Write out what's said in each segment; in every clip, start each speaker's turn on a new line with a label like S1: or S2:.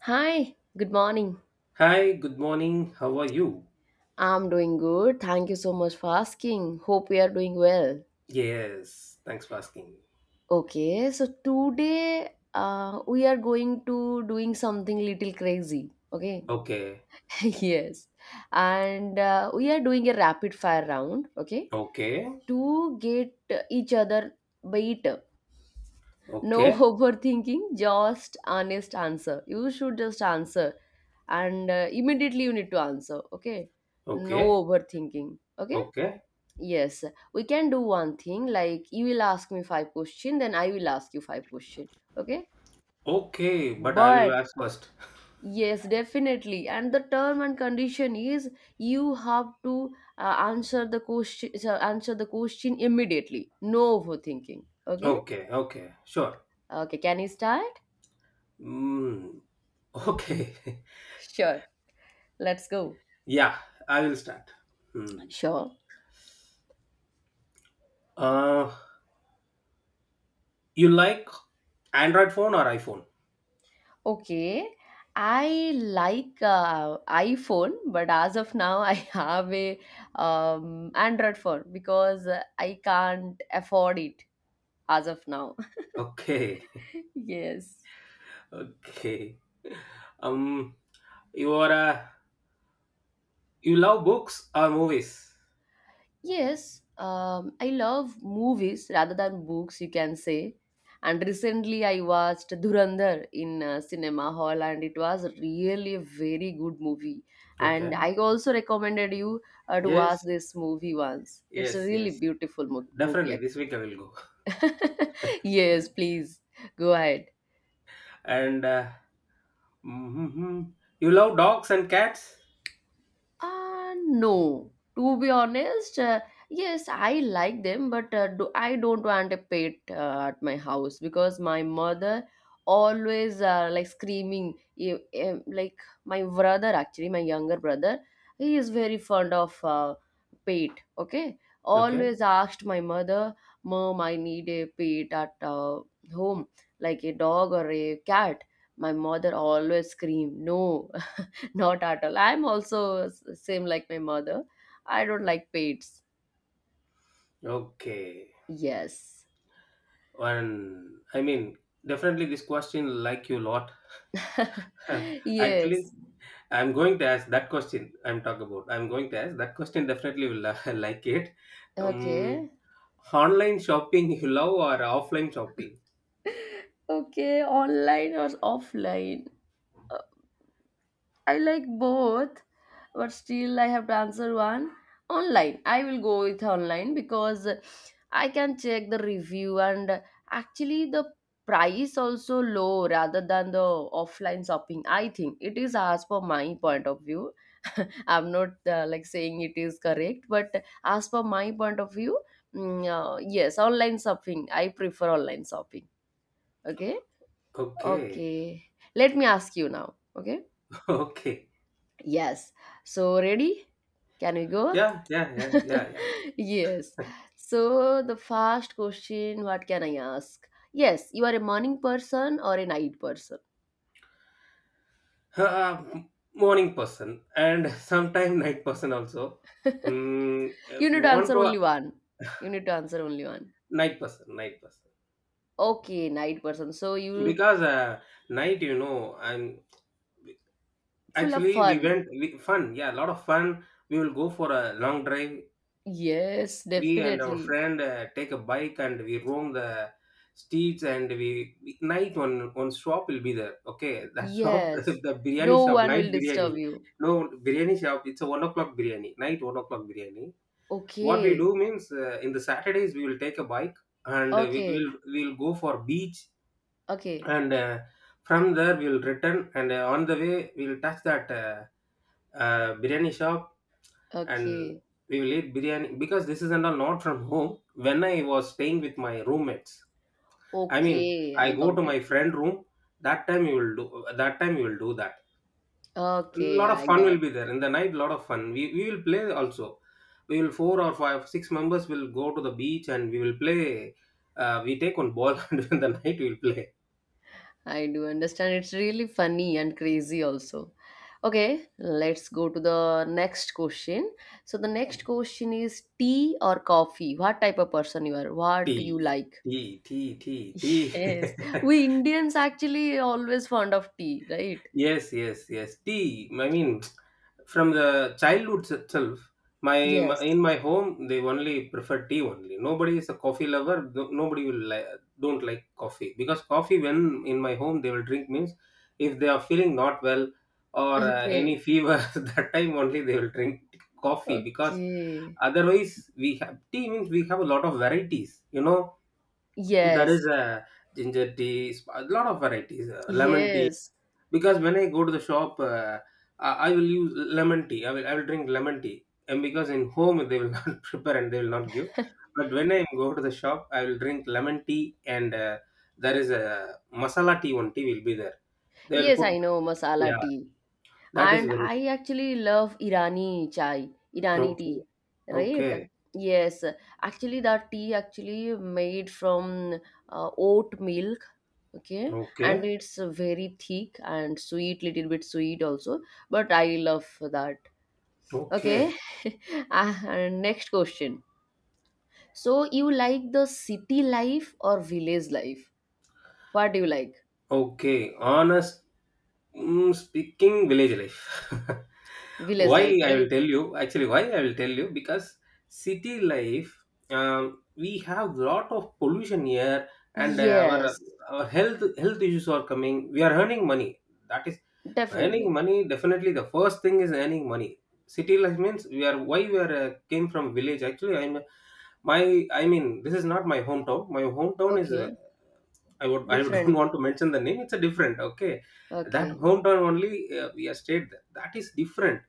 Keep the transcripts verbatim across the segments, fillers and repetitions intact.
S1: Hi, good morning.
S2: Hi, good morning. How are you?
S1: I'm doing good. Thank you so much for asking. Hope we are doing well.
S2: Yes, thanks for asking.
S1: Okay, so today uh, we are going to doing something little crazy. Okay,
S2: Okay,
S1: yes, and uh, we are doing a rapid fire round. Okay,
S2: okay,
S1: to get each other better. No
S2: okay,
S1: overthinking, just honest answer. You should just answer, and uh, immediately you need to answer. Okay, no
S2: okay,
S1: overthinking. Okay.
S2: okay,
S1: Yes, we can do one thing like you will ask me five question, then I will ask you five question. Okay?
S2: okay, but I will
S1: But
S2: ask first.
S1: yes, definitely. And the term and condition is you have to uh, answer the question so answer the question immediately. No overthinking. Okay?
S2: Okay, okay, sure.
S1: Okay, can you start?
S2: Mm, okay,
S1: Sure. Let's go.
S2: yeah, I will start. Hmm.
S1: Sure.
S2: Uh, you like Android phone or iPhone?
S1: Okay. I like uh, iPhone, but as of now, I have a um, Android phone because uh, I can't afford it as of now.
S2: Okay,
S1: Yes.
S2: okay. Um, you are a, you love books or movies?
S1: Yes, um, I love movies rather than books, you can say. And recently I watched Dhurandhar in uh, cinema hall and it was really a very good movie. And
S2: Okay.
S1: I also recommended you uh, to watch
S2: Yes,
S1: this movie once. It's a
S2: yes,
S1: really
S2: yes.
S1: beautiful mo- movie
S2: Definitely, this week I will go.
S1: actually. Yes, please go ahead.
S2: And uh, mhm. You love dogs and cats?
S1: Uh, no. To be honest, uh, yes, I like them, but uh, do, I don't want a pet uh, at my house because my mother always uh, like screaming. You- um, Like my brother, actually, my younger brother, he is very fond of uh, pet. Okay,
S2: Okay.
S1: always asked my mother, "Mom, I need a pet at uh, home, like a dog or a cat." My mother always scream, "No, not at all. I'm also s- same like my mother. I don't like pets.
S2: Okay.
S1: Yes.
S2: And I mean, definitely this question like you lot. Actually,
S1: Yes.
S2: I'm going to ask that question. I'm talking about. I'm going to ask that question. Definitely will uh, like it. Um,
S1: Okay.
S2: Online shopping you love or offline shopping?
S1: Okay, online or offline? I like both, but still I have to answer one. Online. I will go with online because I can check the review and actually the price also low rather than the offline shopping. I think it is as per my point of view. I'm not uh, like saying it is correct but as per my point of view. Mm, uh, yes, online shopping. I prefer online shopping. Okay.
S2: Okay.
S1: Okay, let me ask you now. Okay,
S2: Okay.
S1: yes, so ready, can we go?
S2: Yeah. Yeah. Yeah. Yeah. Yeah.
S1: Yes, so the first question, what can I ask? Yes, you are a morning person or a night person?
S2: Huh, Uh, m- morning person and sometime night person also. Mm,
S1: You
S2: if
S1: need
S2: you
S1: to
S2: want
S1: answer
S2: to,
S1: only one. You need to answer only one.
S2: night person, night person,
S1: Okay, night person, so you
S2: because uh, night, you know and
S1: full of
S2: actually, we
S1: fun.
S2: went we, fun, yeah, a lot of fun. We will go for a long drive,
S1: Yes,
S2: we and our
S1: definitely.
S2: friend. Uh, take a bike and we roam the streets, and we, we night, one one shop will be there, okay, that shop,
S1: Yes.
S2: the biryani
S1: No
S2: shop,
S1: one
S2: night
S1: will
S2: biryani.
S1: disturb you.
S2: No biryani shop, it's a one o'clock biryani, night one o'clock biryani. What we
S1: Okay.
S2: do means, uh, in the Saturdays we will take a bike and we will
S1: Okay.
S2: we'll we'll go for beach,
S1: Okay.
S2: and uh, from there we'll return, and uh, on the way we'll touch that uh, uh, biryani shop, and
S1: Okay.
S2: we will eat biryani, because this is and all not from home. When I was staying with my roommates, I mean,
S1: Okay.
S2: I
S1: I
S2: go to
S1: got it.
S2: my friend room. That time we will do that time we will do that.
S1: Okay.
S2: Lot of
S1: I
S2: fun
S1: got.
S2: will be there in the night, lot of fun, we, we will play also. We will four or five six members will go to the beach and we will play. Uh, we take one ball and in the night we will play.
S1: I do understand. It's really funny and crazy also. Okay. Let's go to the next question. So the next question is tea or coffee? What type of person you are? What you
S2: Tea,
S1: like?
S2: tea, tea, tea, tea.
S1: Yes. We Indians actually always fond of tea, right?
S2: Yes, yes, yes. Tea. I mean, from the childhood itself, my
S1: Yes.
S2: in my home they only prefer tea only. Nobody is a coffee lover. No- Nobody will li- don't like coffee, because coffee, when in my home they will drink means, if they are feeling not well or uh, any
S1: Okay.
S2: fever, that time only they will drink coffee, because
S1: Okay.
S2: otherwise we have tea means we have a lot of varieties. You know, there
S1: Yes.
S2: is a ginger tea, sp- a lot of varieties, uh, lemon tea,
S1: Yes.
S2: because when I go to the shop, uh, i I will use lemon tea, i will i will drink lemon tea, and because in home they will not prepare and they will not give, but when I go to the shop I will drink lemon tea. And uh, there is a masala tea, one tea will be there, they will
S1: Yes,
S2: put.
S1: I know masala
S2: Yeah,
S1: tea.
S2: that is
S1: And
S2: very good.
S1: I actually love Irani chai, Irani
S2: Okay,
S1: tea, right?
S2: okay,
S1: Yes. Actually, that tea actually made from uh, oat milk. Okay. And
S2: okay,
S1: it's very thick and sweet, little bit sweet also. But I love that.
S2: okay.
S1: Okay. Ah, and next question. So you like the city life or village life? What do you like?
S2: Okay, honest, mm, speaking, village life.
S1: Village
S2: Why
S1: life,
S2: I will
S1: right?
S2: tell you, actually, why I will tell you, because city life, um, we have lot of pollution here, and our
S1: Yes,
S2: our health health issues are coming. We are earning money. That is earning
S1: definitely.
S2: money. Definitely, the first thing is earning money. City life means we are why we are uh, came from village. Actually, I'm my, I mean, this is not my hometown. My hometown is. Uh,
S1: Okay,
S2: I would I don't
S1: different.
S2: want to mention the name. It's a different, okay. That
S1: Okay,
S2: hometown only, uh, we are stayed there. That is different,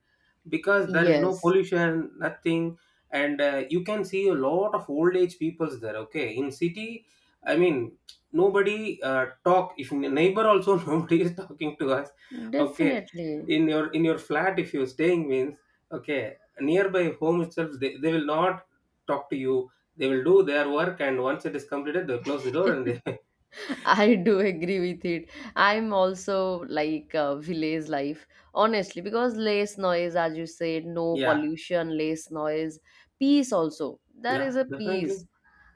S2: because there is no
S1: yes,
S2: pollution, nothing, and uh, you can see a lot of old age peoples there. Okay, in city, I mean, nobody uh, talk. If in a neighbor also, nobody is talking to us. Okay,
S1: definitely.
S2: in your in your flat if you're staying means, okay, nearby home itself they, they will not talk to you. They will do their work, and once it is completed they'll close the door, and they
S1: I do agree with it. I'm also like uh, village life, honestly, because less noise, as you said, no
S2: Yeah,
S1: pollution, less noise, peace also. There
S2: yeah,
S1: is a peace,
S2: definitely.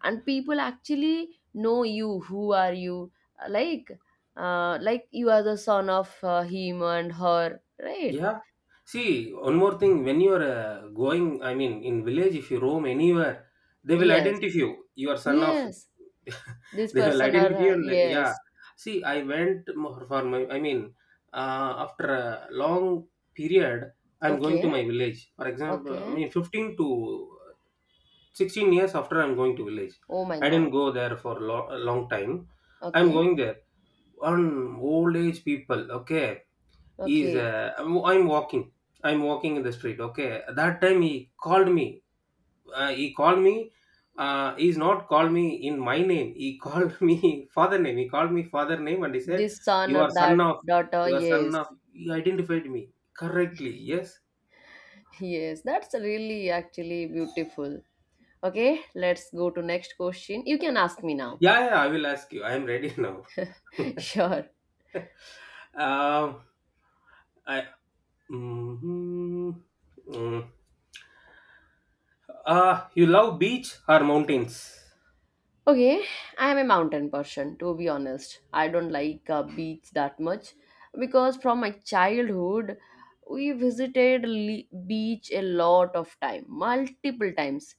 S1: and people actually know you. Who are you? Uh, Like, uh, like you are the son of uh, him and her, right?
S2: Yeah. See, one more thing, when you're uh, going, I mean, in village, if you roam anywhere, they will
S1: Yes.
S2: identify you. You are son of,
S1: Yes, this
S2: they will
S1: person
S2: identify
S1: are
S2: you.
S1: uh,
S2: And they- yeah.
S1: yes.
S2: See, I went mo- for my, I mean, uh, after a long period, I'm going to
S1: Okay,
S2: my village. For example, I
S1: okay.
S2: mean, fifteen to sixteen years after, I'm going to village.
S1: Oh my
S2: I didn't
S1: God.
S2: go there for lo- a long time. I'm
S1: Okay,
S2: going there, on old age people, okay, is
S1: okay.
S2: uh, I'm, I'm walking i'm walking in the street. Okay, that time he called me uh, he called me uh, he's not called me in my name, he called me father name, he called me father name and he said,
S1: This son
S2: you
S1: or
S2: are son
S1: that
S2: of,
S1: daughter.
S2: you are son
S1: Yes,
S2: of he identified me correctly. Yes.
S1: yes. That's really actually beautiful. Okay, let's go to next question. You can ask me now.
S2: Yeah, yeah, I will ask you, I am ready now.
S1: Sure.
S2: um I mm, mm. Uh, you love beach or mountains?
S1: Okay, I am a mountain person. To be honest, I don't like uh, beach that much because from my childhood we visited le- beach a lot of time multiple times.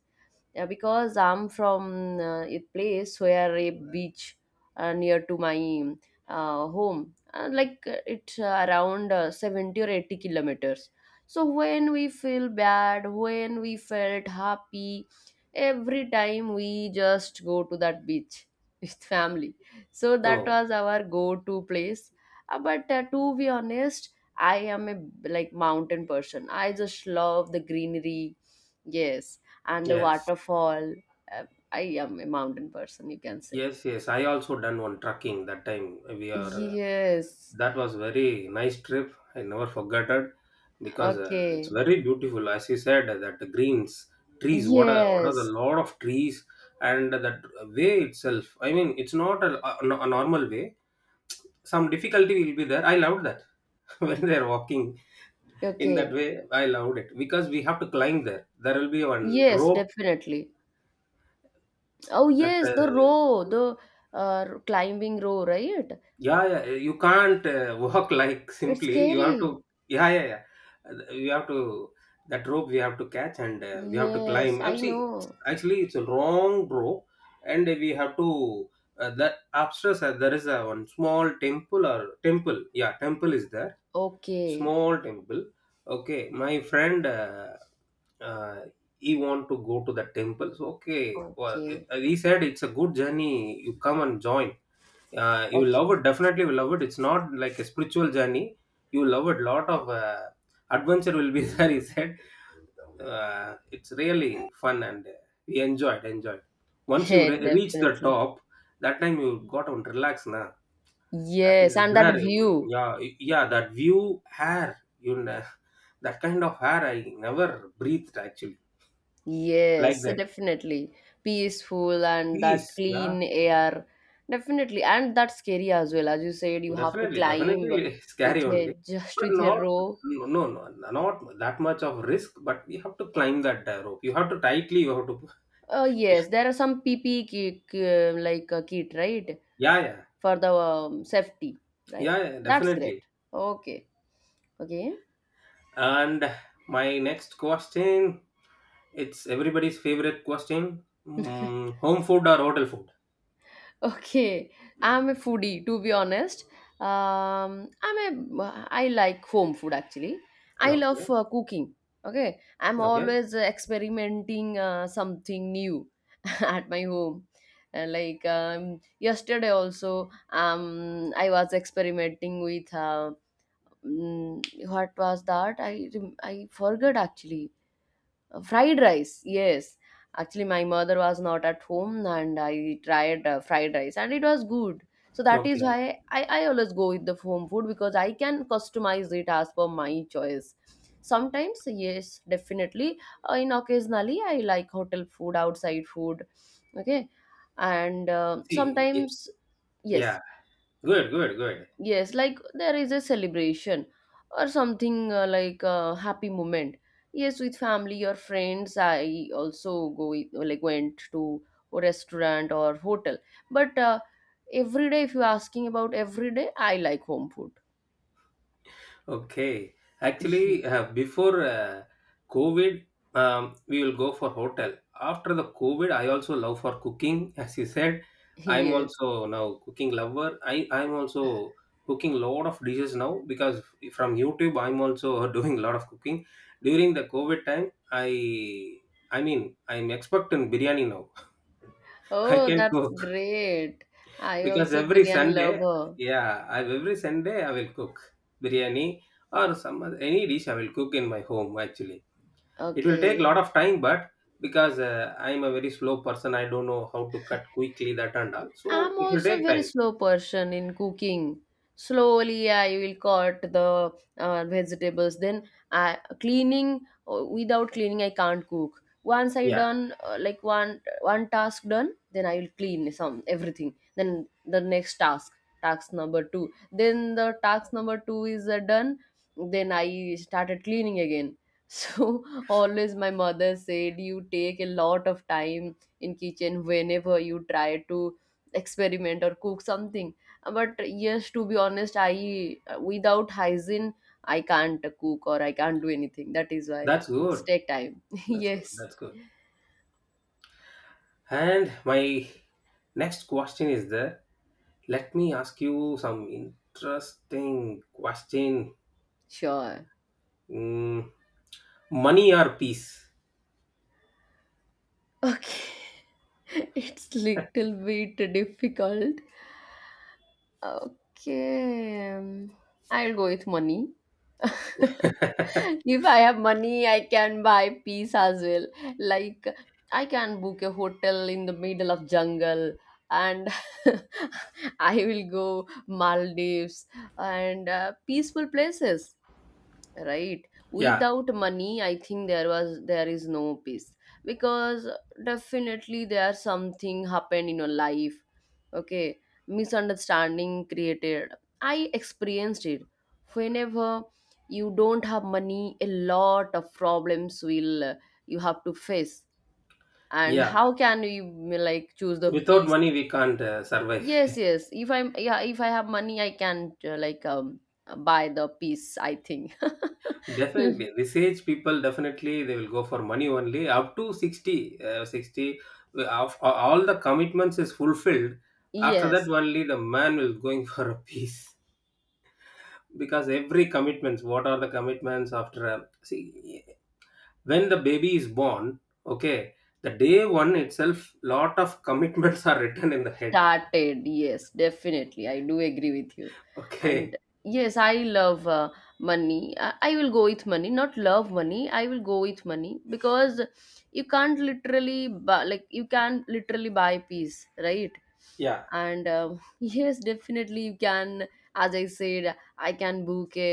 S1: Yeah, because I'm from uh, a place where a beach uh, near to my uh, home, uh, like uh, it's uh, around uh, seventy or eighty kilometers. So when we feel bad, when we felt happy, every time we just go to that beach with family. So that
S2: Oh
S1: was our go-to place. Uh, but uh, to be honest, I am a like mountain person. I just love the greenery. Yes, and the
S2: yes.
S1: waterfall. Uh, I am a mountain person, you can say.
S2: Yes, yes. I also done one trekking that time. We are uh,
S1: Yes.
S2: That was very nice trip. I never forgot it, because uh, it's
S1: Okay.
S2: very beautiful. As you said, uh, that the greens, trees. What are what are the
S1: Yes.
S2: lot of trees, and that way itself. I mean, it's not a, a, a normal way. Some difficulty will be there. I loved that when they are walking in that
S1: Okay.
S2: way. I loved it, because we have to climb there. There will be one
S1: Yes,
S2: rope,
S1: definitely. Oh,
S2: that. Uh,
S1: yes, the row, the uh, climbing row, right?
S2: Yeah, yeah. eh, You can't uh, walk like
S1: It's
S2: simply. You have
S1: scary.
S2: to. Yeah, yeah, yeah. Uh, You have to. That rope we have to catch, and uh, we have to
S1: Yes,
S2: climb. Uh,
S1: I
S2: See,
S1: know.
S2: actually, it's a long rope, and we have to. Uh, that upstairs, uh, there is a one small temple or temple. Yeah, temple is there.
S1: Okay.
S2: Small temple. Okay, my friend. Uh, uh, he want to go to the temple. So okay, well, eh,
S1: Okay.
S2: he said it's a good journey. You come and join, uh, you will love
S1: Okay.
S2: it, definitely will love it, it's not like a spiritual journey. You will love it, lot of uh, adventure will be there, he said. Uh, it's really fun, and uh, we enjoyed enjoyed. Once you re- reach the
S1: Definitely.
S2: top, that time you got on relax now. That
S1: Yes,
S2: is
S1: and that
S2: there, um,
S1: view.
S2: yeah. Yeah, that view hair, you know that kind of hair I never breathed actually, like
S1: Yes,
S2: that.
S1: definitely. Peaceful and that
S2: Peace. Yeah.
S1: clean air. Definitely. And that's scary as well. As you said, you have to
S2: Definitely,
S1: climb
S2: definitely,
S1: with
S2: scary only,
S1: a just
S2: but
S1: with a
S2: not,
S1: rope.
S2: no, no, no, not that much of risk. But you have to climb that uh, rope. You have to, tightly. You have to.
S1: Uh, yes, there are some P P kit, uh, like a kit, right?
S2: Yeah, yeah,
S1: For the um, safety,
S2: yeah,
S1: right?
S2: yeah,
S1: That's great.
S2: definitely.
S1: Okay. Okay.
S2: And my next question, it's everybody's favorite question: mm, home food or hotel food?
S1: Okay, I'm a foodie to be honest. Um, I'm a I like home food actually. I love
S2: Okay,
S1: uh, cooking. Okay, I'm
S2: okay,
S1: always uh, experimenting uh, something new at my home. Uh, like um, yesterday also, um, I was experimenting with uh, mm, what was that? I rem- I forgot actually. Uh, fried rice, yes. Actually, my mother was not at home and I tried uh, fried rice and it was good. So that is
S2: okay.
S1: why I, I always go with the home food because I can customize it as per my choice. Sometimes, yes, definitely. Uh, in occasionally, I like hotel food, outside food. Okay. And uh,
S2: See, y-
S1: sometimes, yes,
S2: yeah, good, good, good.
S1: yes, like there is a celebration or something uh, like a happy moment, yes, with family or friends I also go with- like went to a restaurant or hotel, but uh, every day if you're asking about every day I like home food.
S2: Okay. Actually, uh, before uh, COVID, um, we will go for hotel. After the COVID, I also love for cooking. As you said, I'm
S1: Yes.
S2: also now cooking lover. I I'm also cooking lot of dishes now, because from YouTube, I'm also doing a lot of cooking. During the COVID time, I I mean, I'm expert in biryani now. I
S1: Oh,
S2: can
S1: that's
S2: cook.
S1: great. I
S2: Because
S1: also
S2: every
S1: biryani
S2: Sunday,
S1: lover.
S2: yeah, I every Sunday I will cook biryani, or some other, any dish I will cook in my home actually. It will take a
S1: Okay.
S2: lot of time, but because uh, I am a very slow person, I don't know how to cut quickly, that and all. So
S1: I'm
S2: it will
S1: also
S2: take
S1: very
S2: time.
S1: slow person in cooking. Slowly, I will cut the uh, vegetables. Then, I cleaning, uh, without cleaning, I can't cook. Once I
S2: Yeah,
S1: done uh, like one one task done, then I will clean some everything. Then the next task, task number two. Then the task number two is uh, done. Then I started cleaning again. So always my mother said you take a lot of time in kitchen whenever you try to experiment or cook something. But yes, to be honest, I without hygiene I can't cook or I can't do anything, that is why
S2: that's
S1: it's
S2: good.
S1: take time.
S2: That's good.
S1: Yes.
S2: That's good. And my next question is there. Let me ask you some interesting question.
S1: Sure.
S2: Mm, Money or peace?
S1: Okay. It's little bit difficult. Okay, um, I'll go with money.
S2: Yeah,
S1: If I have money, I can buy peace as well. Like I can book a hotel in the middle of jungle and I will go Maldives and uh, peaceful places, right? Without money I think there was there is no peace because definitely there something happened in your life. Okay, misunderstanding created, I experienced it. Whenever you don't have money a lot of problems will uh, you have to face, and
S2: yeah.
S1: how can you like choose the
S2: Without
S1: peace?
S2: money we can't uh, survive.
S1: Yes, yes, if I'm yeah if I have money I can uh, like um buy the peace, I think.
S2: Definitely this age people, definitely they will go for money only up to sixty uh, sixty uh, of- a- all the commitments is fulfilled. After that
S1: Yes,
S2: only the man will going for a peace, because every commitments, what are the commitments, after a, see, when the baby is born, okay, the day one itself lot of commitments are written in the head,
S1: started, yes, definitely I do agree with you. And
S2: okay.
S1: yes, I love uh, money I, I will go with money, not love money, I will go with money because you can't literally buy, like you can literally buy peace, right?
S2: Yeah,
S1: And um yes, definitely you can. As I said, I can book a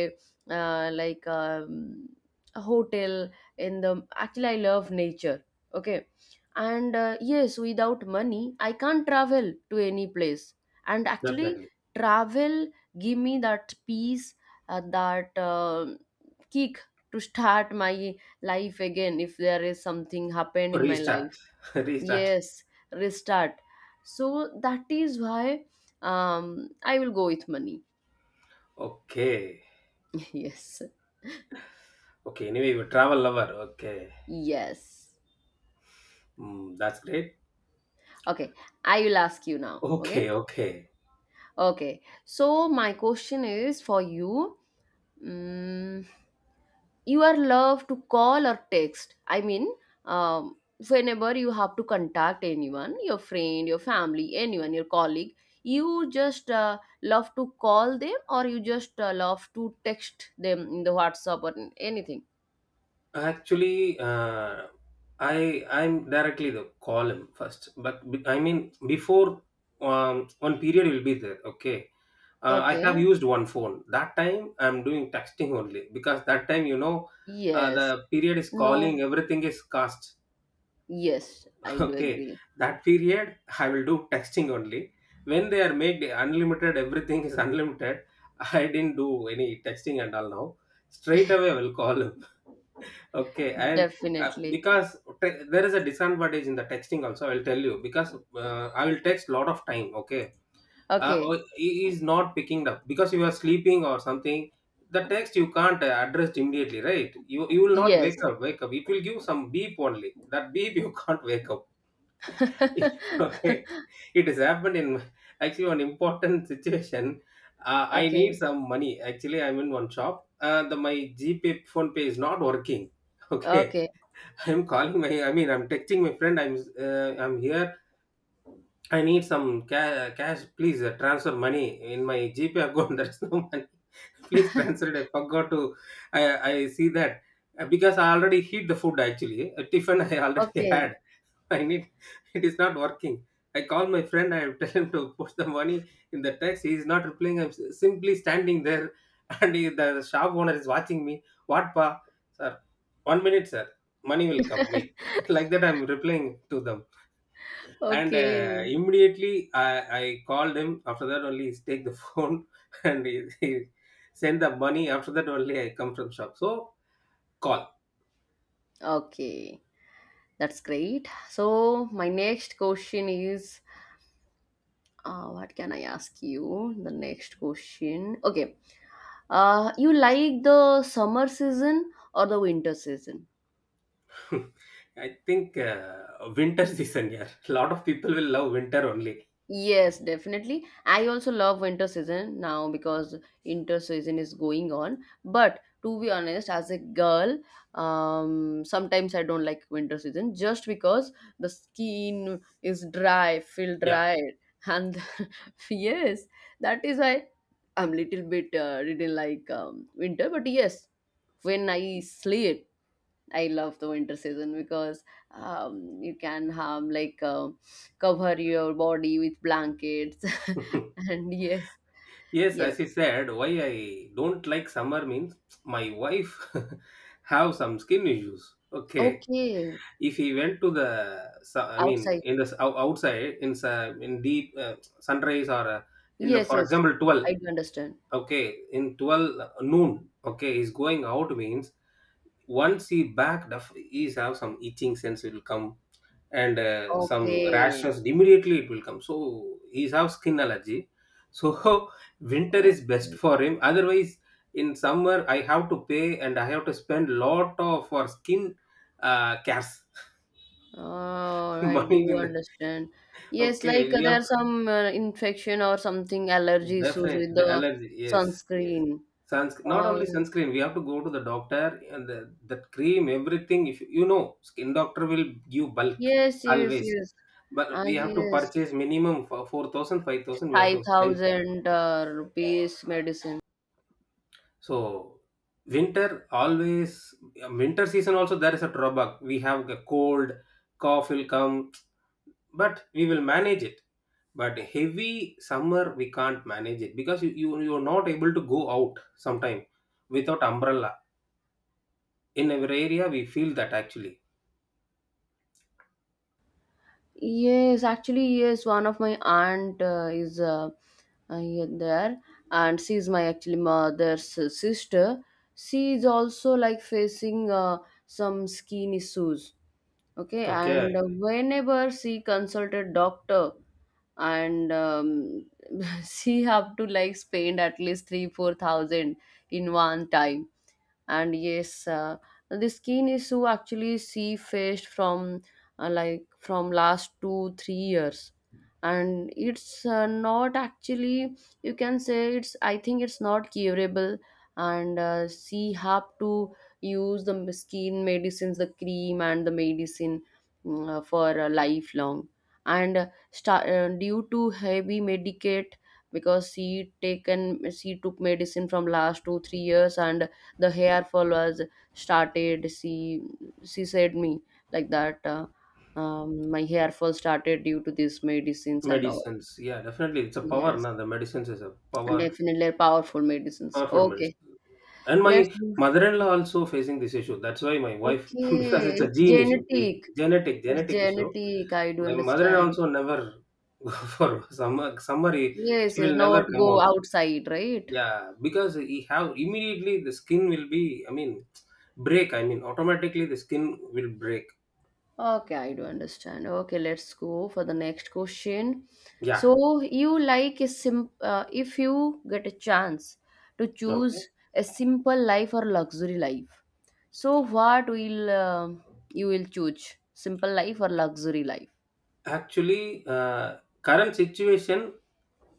S1: uh, like um, a hotel in the actually I love nature. Okay, and uh, yes, without money I can't travel to any place, and actually
S2: definitely.
S1: travel give me that peace, uh, that um kick to start my life again if there is something happened in my
S2: Restart.
S1: life.
S2: Restart.
S1: Yes, restart. So that is why um I will go with money.
S2: Okay.
S1: Yes,
S2: Okay, anyway, you're a travel lover. Okay,
S1: yes.
S2: mm, that's great.
S1: Okay, I will ask you now.
S2: Okay,
S1: Okay.
S2: okay.
S1: Okay, so my question is for you. Mm, you are love to call or text. I mean, um, whenever you have to contact anyone, your friend, your family, anyone, your colleague, you just uh, love to call them or you just uh, love to text them in the WhatsApp or in anything.
S2: Actually, uh, I I'm directly the column first, but be- I mean before, um, one period will be there. Okay, uh, I
S1: Okay.
S2: have used one phone. That time I'm doing texting only, because that time you know uh, the
S1: Yes.
S2: period is
S1: No.
S2: calling, everything is cast.
S1: Yes, I do
S2: Okay,
S1: agree.
S2: that period I will do texting only. When they are made unlimited, everything is unlimited. I didn't do any texting and all now. Straight away, I will call him. Okay, and uh,
S1: Definitely.
S2: because te- there is a disadvantage in the texting also, I'll tell you, because uh, I will text lot of time. Okay, uh,
S1: Okay.
S2: or he is not picking up because you are sleeping or something. The text you can't uh, address immediately, right? You you will not
S1: Yes.
S2: wake up. Wake up. It will give some beep only. That beep you can't wake up. Okay, it has happened in my- actually one important situation. uh, I need
S1: Okay.
S2: some money. Actually, I'm in one shop. Uh, the my GPay, phone pay is not working. Okay,
S1: Okay.
S2: I'm calling my, i mean I'm texting my friend. i'm uh, I'm here. I need some ca- cash, please. Uh, transfer money in my GPay account. There's no money, please transfer it. I forgot to, i I see that. Uh, because I already heat the food, actually a tiffin I already had.
S1: Okay.
S2: I need, it is not working. I call my friend, I tell him to put the money in the text. He is not replying. I'm s- simply standing there, and he, the shop owner is watching me. What, pa? Sir, one minute, sir. Money will come. Wait. Like that, I'm replying to them. And uh,
S1: Okay.
S2: immediately, I, I called him. After that, only he take the phone, and he, he send the money. After that, only I come from shop. So, call.
S1: Okay. That's great. So, my next question is uh, what can I ask you? The next question. Okay. Uh, you like the summer season or the winter season?
S2: I think uh, winter season, yeah. A lot of people will love winter only.
S1: Yes, definitely. I also love winter season now because winter season is going on. But to be honest, as a girl, um, sometimes I don't like winter season just because the skin is dry, feel
S2: Yeah.
S1: dry, and yes, that is why I'm little bit uh, didn't like um, winter. But yes, when I sleep I love the winter season because um, you can have like uh, cover your body with blankets and yes,
S2: Yes,
S1: yes.
S2: as you said, why I don't like summer means my wife have some skin issues. Okay.
S1: Okay,
S2: If he went to the, su- I mean,
S1: outside.
S2: in the s- ou- outside, in sa- in deep uh, sunrise or uh, in the,
S1: Yes,
S2: for
S1: yes.
S2: example, twelve.
S1: I do understand.
S2: Okay, in twelve uh, noon. Okay, he's going out means once he back, def- he's have some itching sense will come, and uh, some
S1: Okay,
S2: rashes immediately it will come. So he's have skin allergy, so winter is best
S1: okay.
S2: for him. Otherwise, in summer I have to pay and I have to spend lot of for skin uh, cares.
S1: Oh, I
S2: Money
S1: do
S2: in the,
S1: understand. Yes, like
S2: okay,
S1: uh,
S2: we
S1: there are
S2: have to,
S1: some uh, infection or something allergy issues
S2: definite
S1: with
S2: the
S1: the
S2: allergy, yes, yes.
S1: sunscreen.
S2: Suns, not
S1: Uh,
S2: only sunscreen, we have to go to the doctor and the, that cream, everything. If you know, skin doctor will give bulk
S1: yes, yes,
S2: always.
S1: yes.
S2: But
S1: Ah,
S2: we have to
S1: yes.
S2: purchase minimum for four thousand, five thousand. We have to spend for it.
S1: five thousand uh, rupees medicine.
S2: So, winter always, winter season also there is a drawback. We have a cold, cough will come, but we will manage it. But heavy summer, we can't manage it because you, you, you are not able to go out sometime without umbrella. In our area, we feel that actually.
S1: Yes, actually, yes. One of my aunt uh, is uh, uh, here there, and she is my actually mother's uh, sister. She is also like facing uh, some skin issues. Okay, and
S2: Okay.
S1: uh, whenever she consulted doctor, and um, she have to like spend at least three four thousand in one time and yes, uh, the skin is who actually see fish from uh, like from last two three years, and it's uh, not actually, you can say it's, I think it's not curable, and uh, she have to use the skin medicines, the cream and the medicine mm, uh, for uh, lifelong, and uh, sta- uh, due to heavy medicate because she taken she took medicine from last two three years and the hair fall was started. She she said me like that, uh, um, my hair fall started due to these medicines and all.
S2: Medicines. Yeah, definitely. It's a power.
S1: Yes,
S2: Now the medicines is a power,
S1: definitely, powerful medicines.
S2: powerful
S1: Okay,
S2: medicine. And
S1: let's
S2: my
S1: do.
S2: mother-in-law also facing this issue. That's why my wife, because
S1: Okay,
S2: it's a
S1: it's
S2: gene issue, ge-
S1: genetic
S2: genetic
S1: it's
S2: genetic issue.
S1: genetic I do
S2: My mother-in-law
S1: understand.
S2: also never go for summer. Summer he-
S1: Yes,
S2: she
S1: yes,
S2: will
S1: not
S2: never come
S1: go
S2: out.
S1: outside, right?
S2: Yeah, because he have immediately the skin will be, I mean, break. I mean, automatically the skin will break.
S1: Okay, I do understand. Okay, let's go for the next question.
S2: Yeah.
S1: So, you like a sim uh, if you get a chance to
S2: Okay.
S1: choose a simple life or luxury life. So, what will um you will choose? Simple life or luxury life?
S2: Actually, uh, current situation,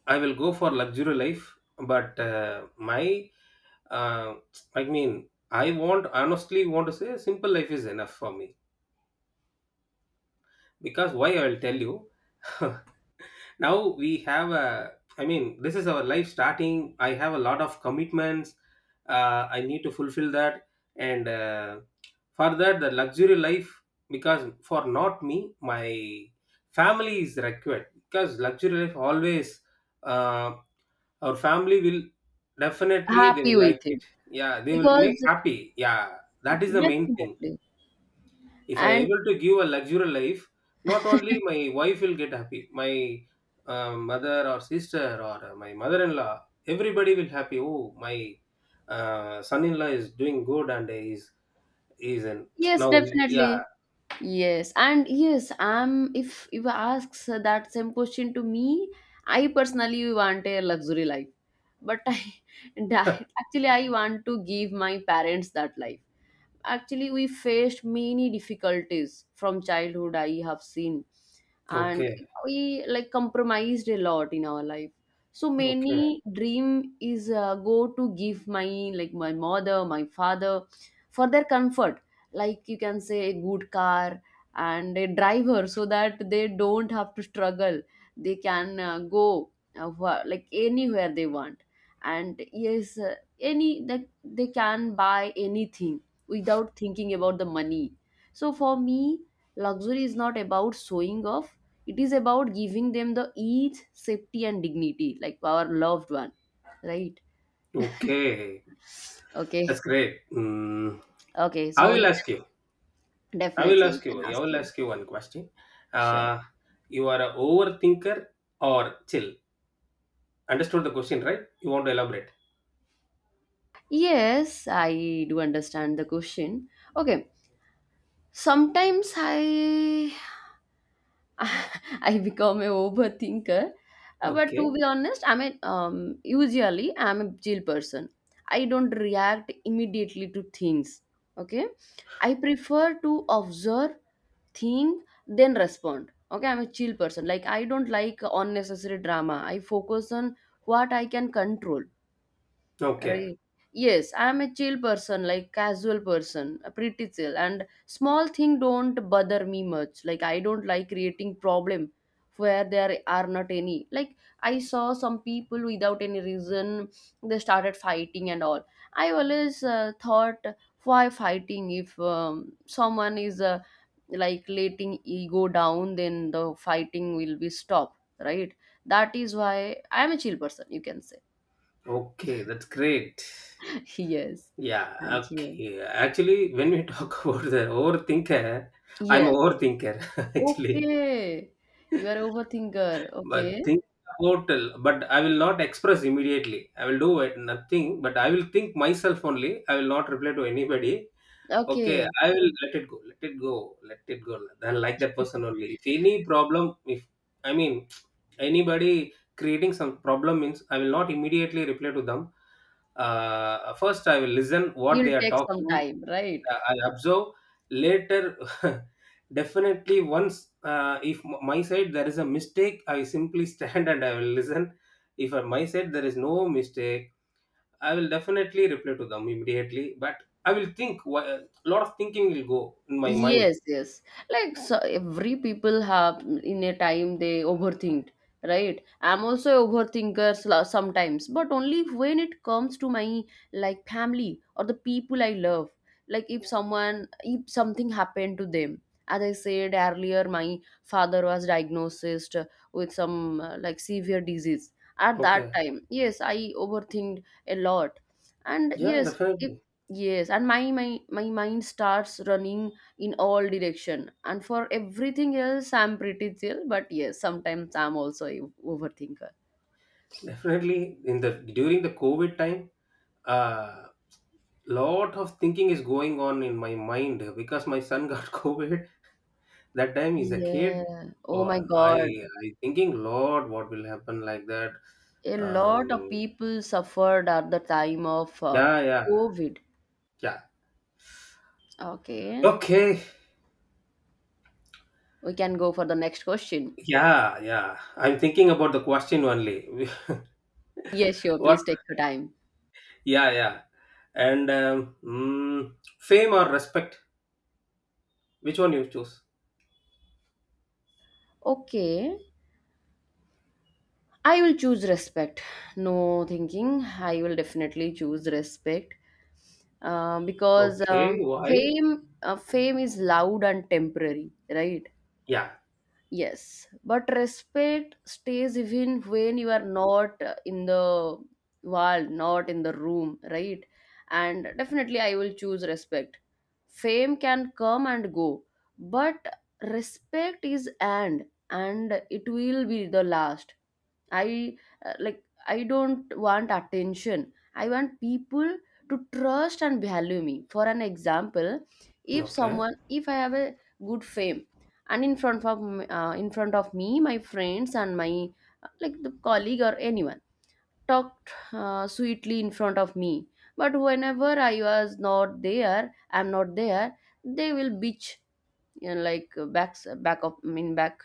S2: I will go for luxury life, but uh, my, uh, I mean, I want, honestly want to say simple life is enough for me, because why I will tell you. Now we have a, I mean, this is our life starting. I have a lot of commitments, uh, I need to fulfill that. And uh, for that, the luxury life, because for not me, my family is required, because luxury life always uh, our family will definitely they
S1: Happy
S2: will like
S1: with
S2: it.
S1: it,
S2: Yeah, they will make
S1: because
S2: happy, yeah. That is the main thing.
S1: definitely,
S2: If I
S1: and
S2: able to give a luxurious life, not only my wife will get happy, my uh, mother or sister or uh, my mother-in-law, everybody will happy. Oh, my uh, son-in-law is doing good and he's he's in
S1: yes,
S2: now. Yeah.
S1: definitely. Yes, and yes, I'm if if asks that same question to me, I personally want a luxury life. But I actually I want to give my parents that life. Actually, we faced many difficulties from childhood, I have seen, and
S2: Okay.
S1: we like compromised a lot in our life. So
S2: Okay.
S1: many dream is uh, go to give my, like my mother, my father, for their comfort, like you can say a good car and a driver so that they don't have to struggle, they can uh, go, uh, wha- like anywhere they want, and yes, uh, any, that they can buy anything without thinking about the money. So for me, luxury is not about showing off. It is about giving them the ease, safety, and dignity, like our loved one, right?
S2: Okay, that's
S1: Okay,
S2: great. Mm.
S1: okay.
S2: i
S1: So
S2: will
S1: you
S2: ask you
S1: can
S2: i will
S1: definitely, you
S2: ask you
S1: can
S2: I
S1: ask
S2: will
S1: you.
S2: ask you one question.
S1: Sure.
S2: uh, you are a overthinker or chill? Understood the question, right? You want to elaborate?
S1: Yes, I do understand the question. Okay. Sometimes I I become a overthinker. Uh, but
S2: Okay.
S1: to be honest, I'm a um, usually I'm a chill person. I don't react immediately to things. Okay, I prefer to observe, think, then respond. Okay, I'm a chill person. Like, I don't like unnecessary drama. I focus on what I can control.
S2: Okay.
S1: Right. Yes, I'm a chill person, like casual person, a pretty chill. And small thing don't bother me much. Like, I don't like creating problem where there are not any. Like, I saw some people without any reason they started fighting and all. I always uh, thought why fighting if um, someone is uh, like letting ego down, then the fighting will be stopped. Right. That is why I'm a chill person, you can say.
S2: Okay, that's great.
S1: Yes,
S2: Yeah,
S1: thank you.
S2: okay. Actually, when we talk about the overthinker, I'm a
S1: Yes,
S2: overthinker actually.
S1: okay. You are overthinker. Okay,
S2: But think about, but I will not express immediately. I will do it, nothing, but I will think myself only. I will not reply to anybody. Okay,
S1: okay.
S2: I will let it go. Let it go. Let it go. Then like that person only. If any problem, if I mean anybody creating some problem means, I will not immediately reply to them. Uh, first, I will listen what
S1: You'll
S2: they are
S1: take some
S2: talking.
S1: time, right?
S2: Uh, I observe later. Definitely, once uh, if m- my side there is a mistake, I simply stand and I will listen. If on my side there is no mistake, I will definitely reply to them immediately, but I will think, a lot of thinking will go in my mind.
S1: Yes, yes. Like, so every people have in a time they overthink, right? I'm also a overthinker sl- sometimes, but only when it comes to my like family or the people I love. Like, if someone, if something happened to them. As I said earlier, my father was diagnosed with some uh, like severe disease. At that
S2: Okay.
S1: time, yes, I overthinked a lot. And
S2: Yeah,
S1: yes, if,
S2: definitely.
S1: yes, and my my my mind starts running in all direction, and for everything else I'm pretty chill, but yes, sometimes I'm also a overthinker.
S2: Definitely in the during the COVID time, uh lot of thinking is going on in my mind because my son got COVID. That time he's a kid.
S1: Yeah, oh my
S2: Or I
S1: god,
S2: I thinking, Lord, what will happen, like that?
S1: a lot of
S2: Um,
S1: people suffered at the time of uh,
S2: yeah, yeah,
S1: covid.
S2: yeah.
S1: Okay,
S2: Okay.
S1: we can go for the next question.
S2: Yeah, yeah. I'm thinking about the question only.
S1: Yes, sure,
S2: What?
S1: please take your time.
S2: Yeah, yeah. And um, mm, fame or respect? Which one you choose?
S1: Okay, I will choose respect. No thinking, I will definitely choose respect, uh, because uh,
S2: Okay, why?
S1: fame, uh, fame is loud and temporary, right?
S2: Yeah.
S1: Yes, but respect stays even when you are not uh, in the wall, not in the room, right? And definitely, I will choose respect. Fame can come and go, but respect is, and and it will be the last. I, uh, like, I don't want attention, I want people to trust and value me. For an example, if
S2: Okay.
S1: someone, if I have a good fame, and in front of m- uh, in front of me my friends and my, uh, like the colleague or anyone talked uh, sweetly in front of me, but whenever I was not there, I'm not there, they will bitch, you know, like, uh, back back of, I mean, back,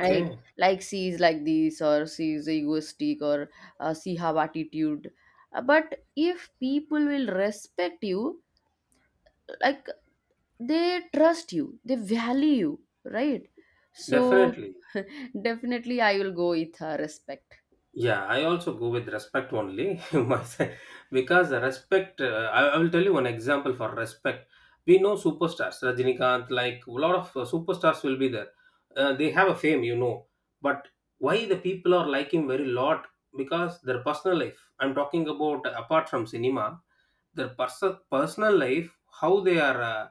S1: right? Like, she is like this, or she is egoistic, or uh, she have attitude. Uh, but if people will respect you, like they trust you, they value you, right? So
S2: Definitely.
S1: definitely, I will go with uh, respect.
S2: Yeah, I also go with respect only myself, because respect. Uh, I, I will tell you one example for respect. We know superstars, Rajinikanth, like a lot of uh, superstars will be there. Uh, they have a fame, you know, but why the people are like him very lot, because their personal life. I'm talking about apart from cinema, their pers- personal life, how they are uh,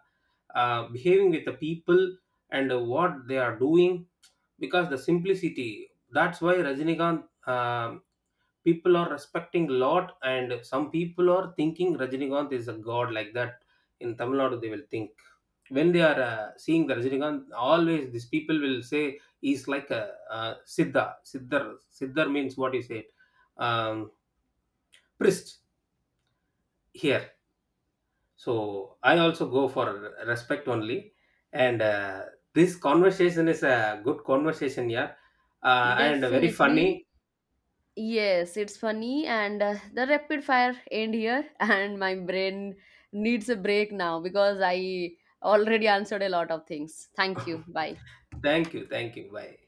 S2: uh, behaving with the people, and uh, what they are doing, because the simplicity, that's why Rajinikanth, um, people are respecting a lot. And some people are thinking Rajinikanth is a god, like that. In Tamil Nadu, they will think, when they are uh, seeing the Rajinikanth, always these people will say he's like a uh, siddha, siddhar. Siddhar means, what you said, um, priest here. So I also go for respect only. And uh, this conversation is a good conversation, yeah. Uh, and very
S1: Definitely.
S2: funny.
S1: Yes, it's funny. And uh, the rapid fire end here. And my brain needs a break now because I already answered a lot of things. Thank you. Bye.
S2: Thank you. Thank you. Bye.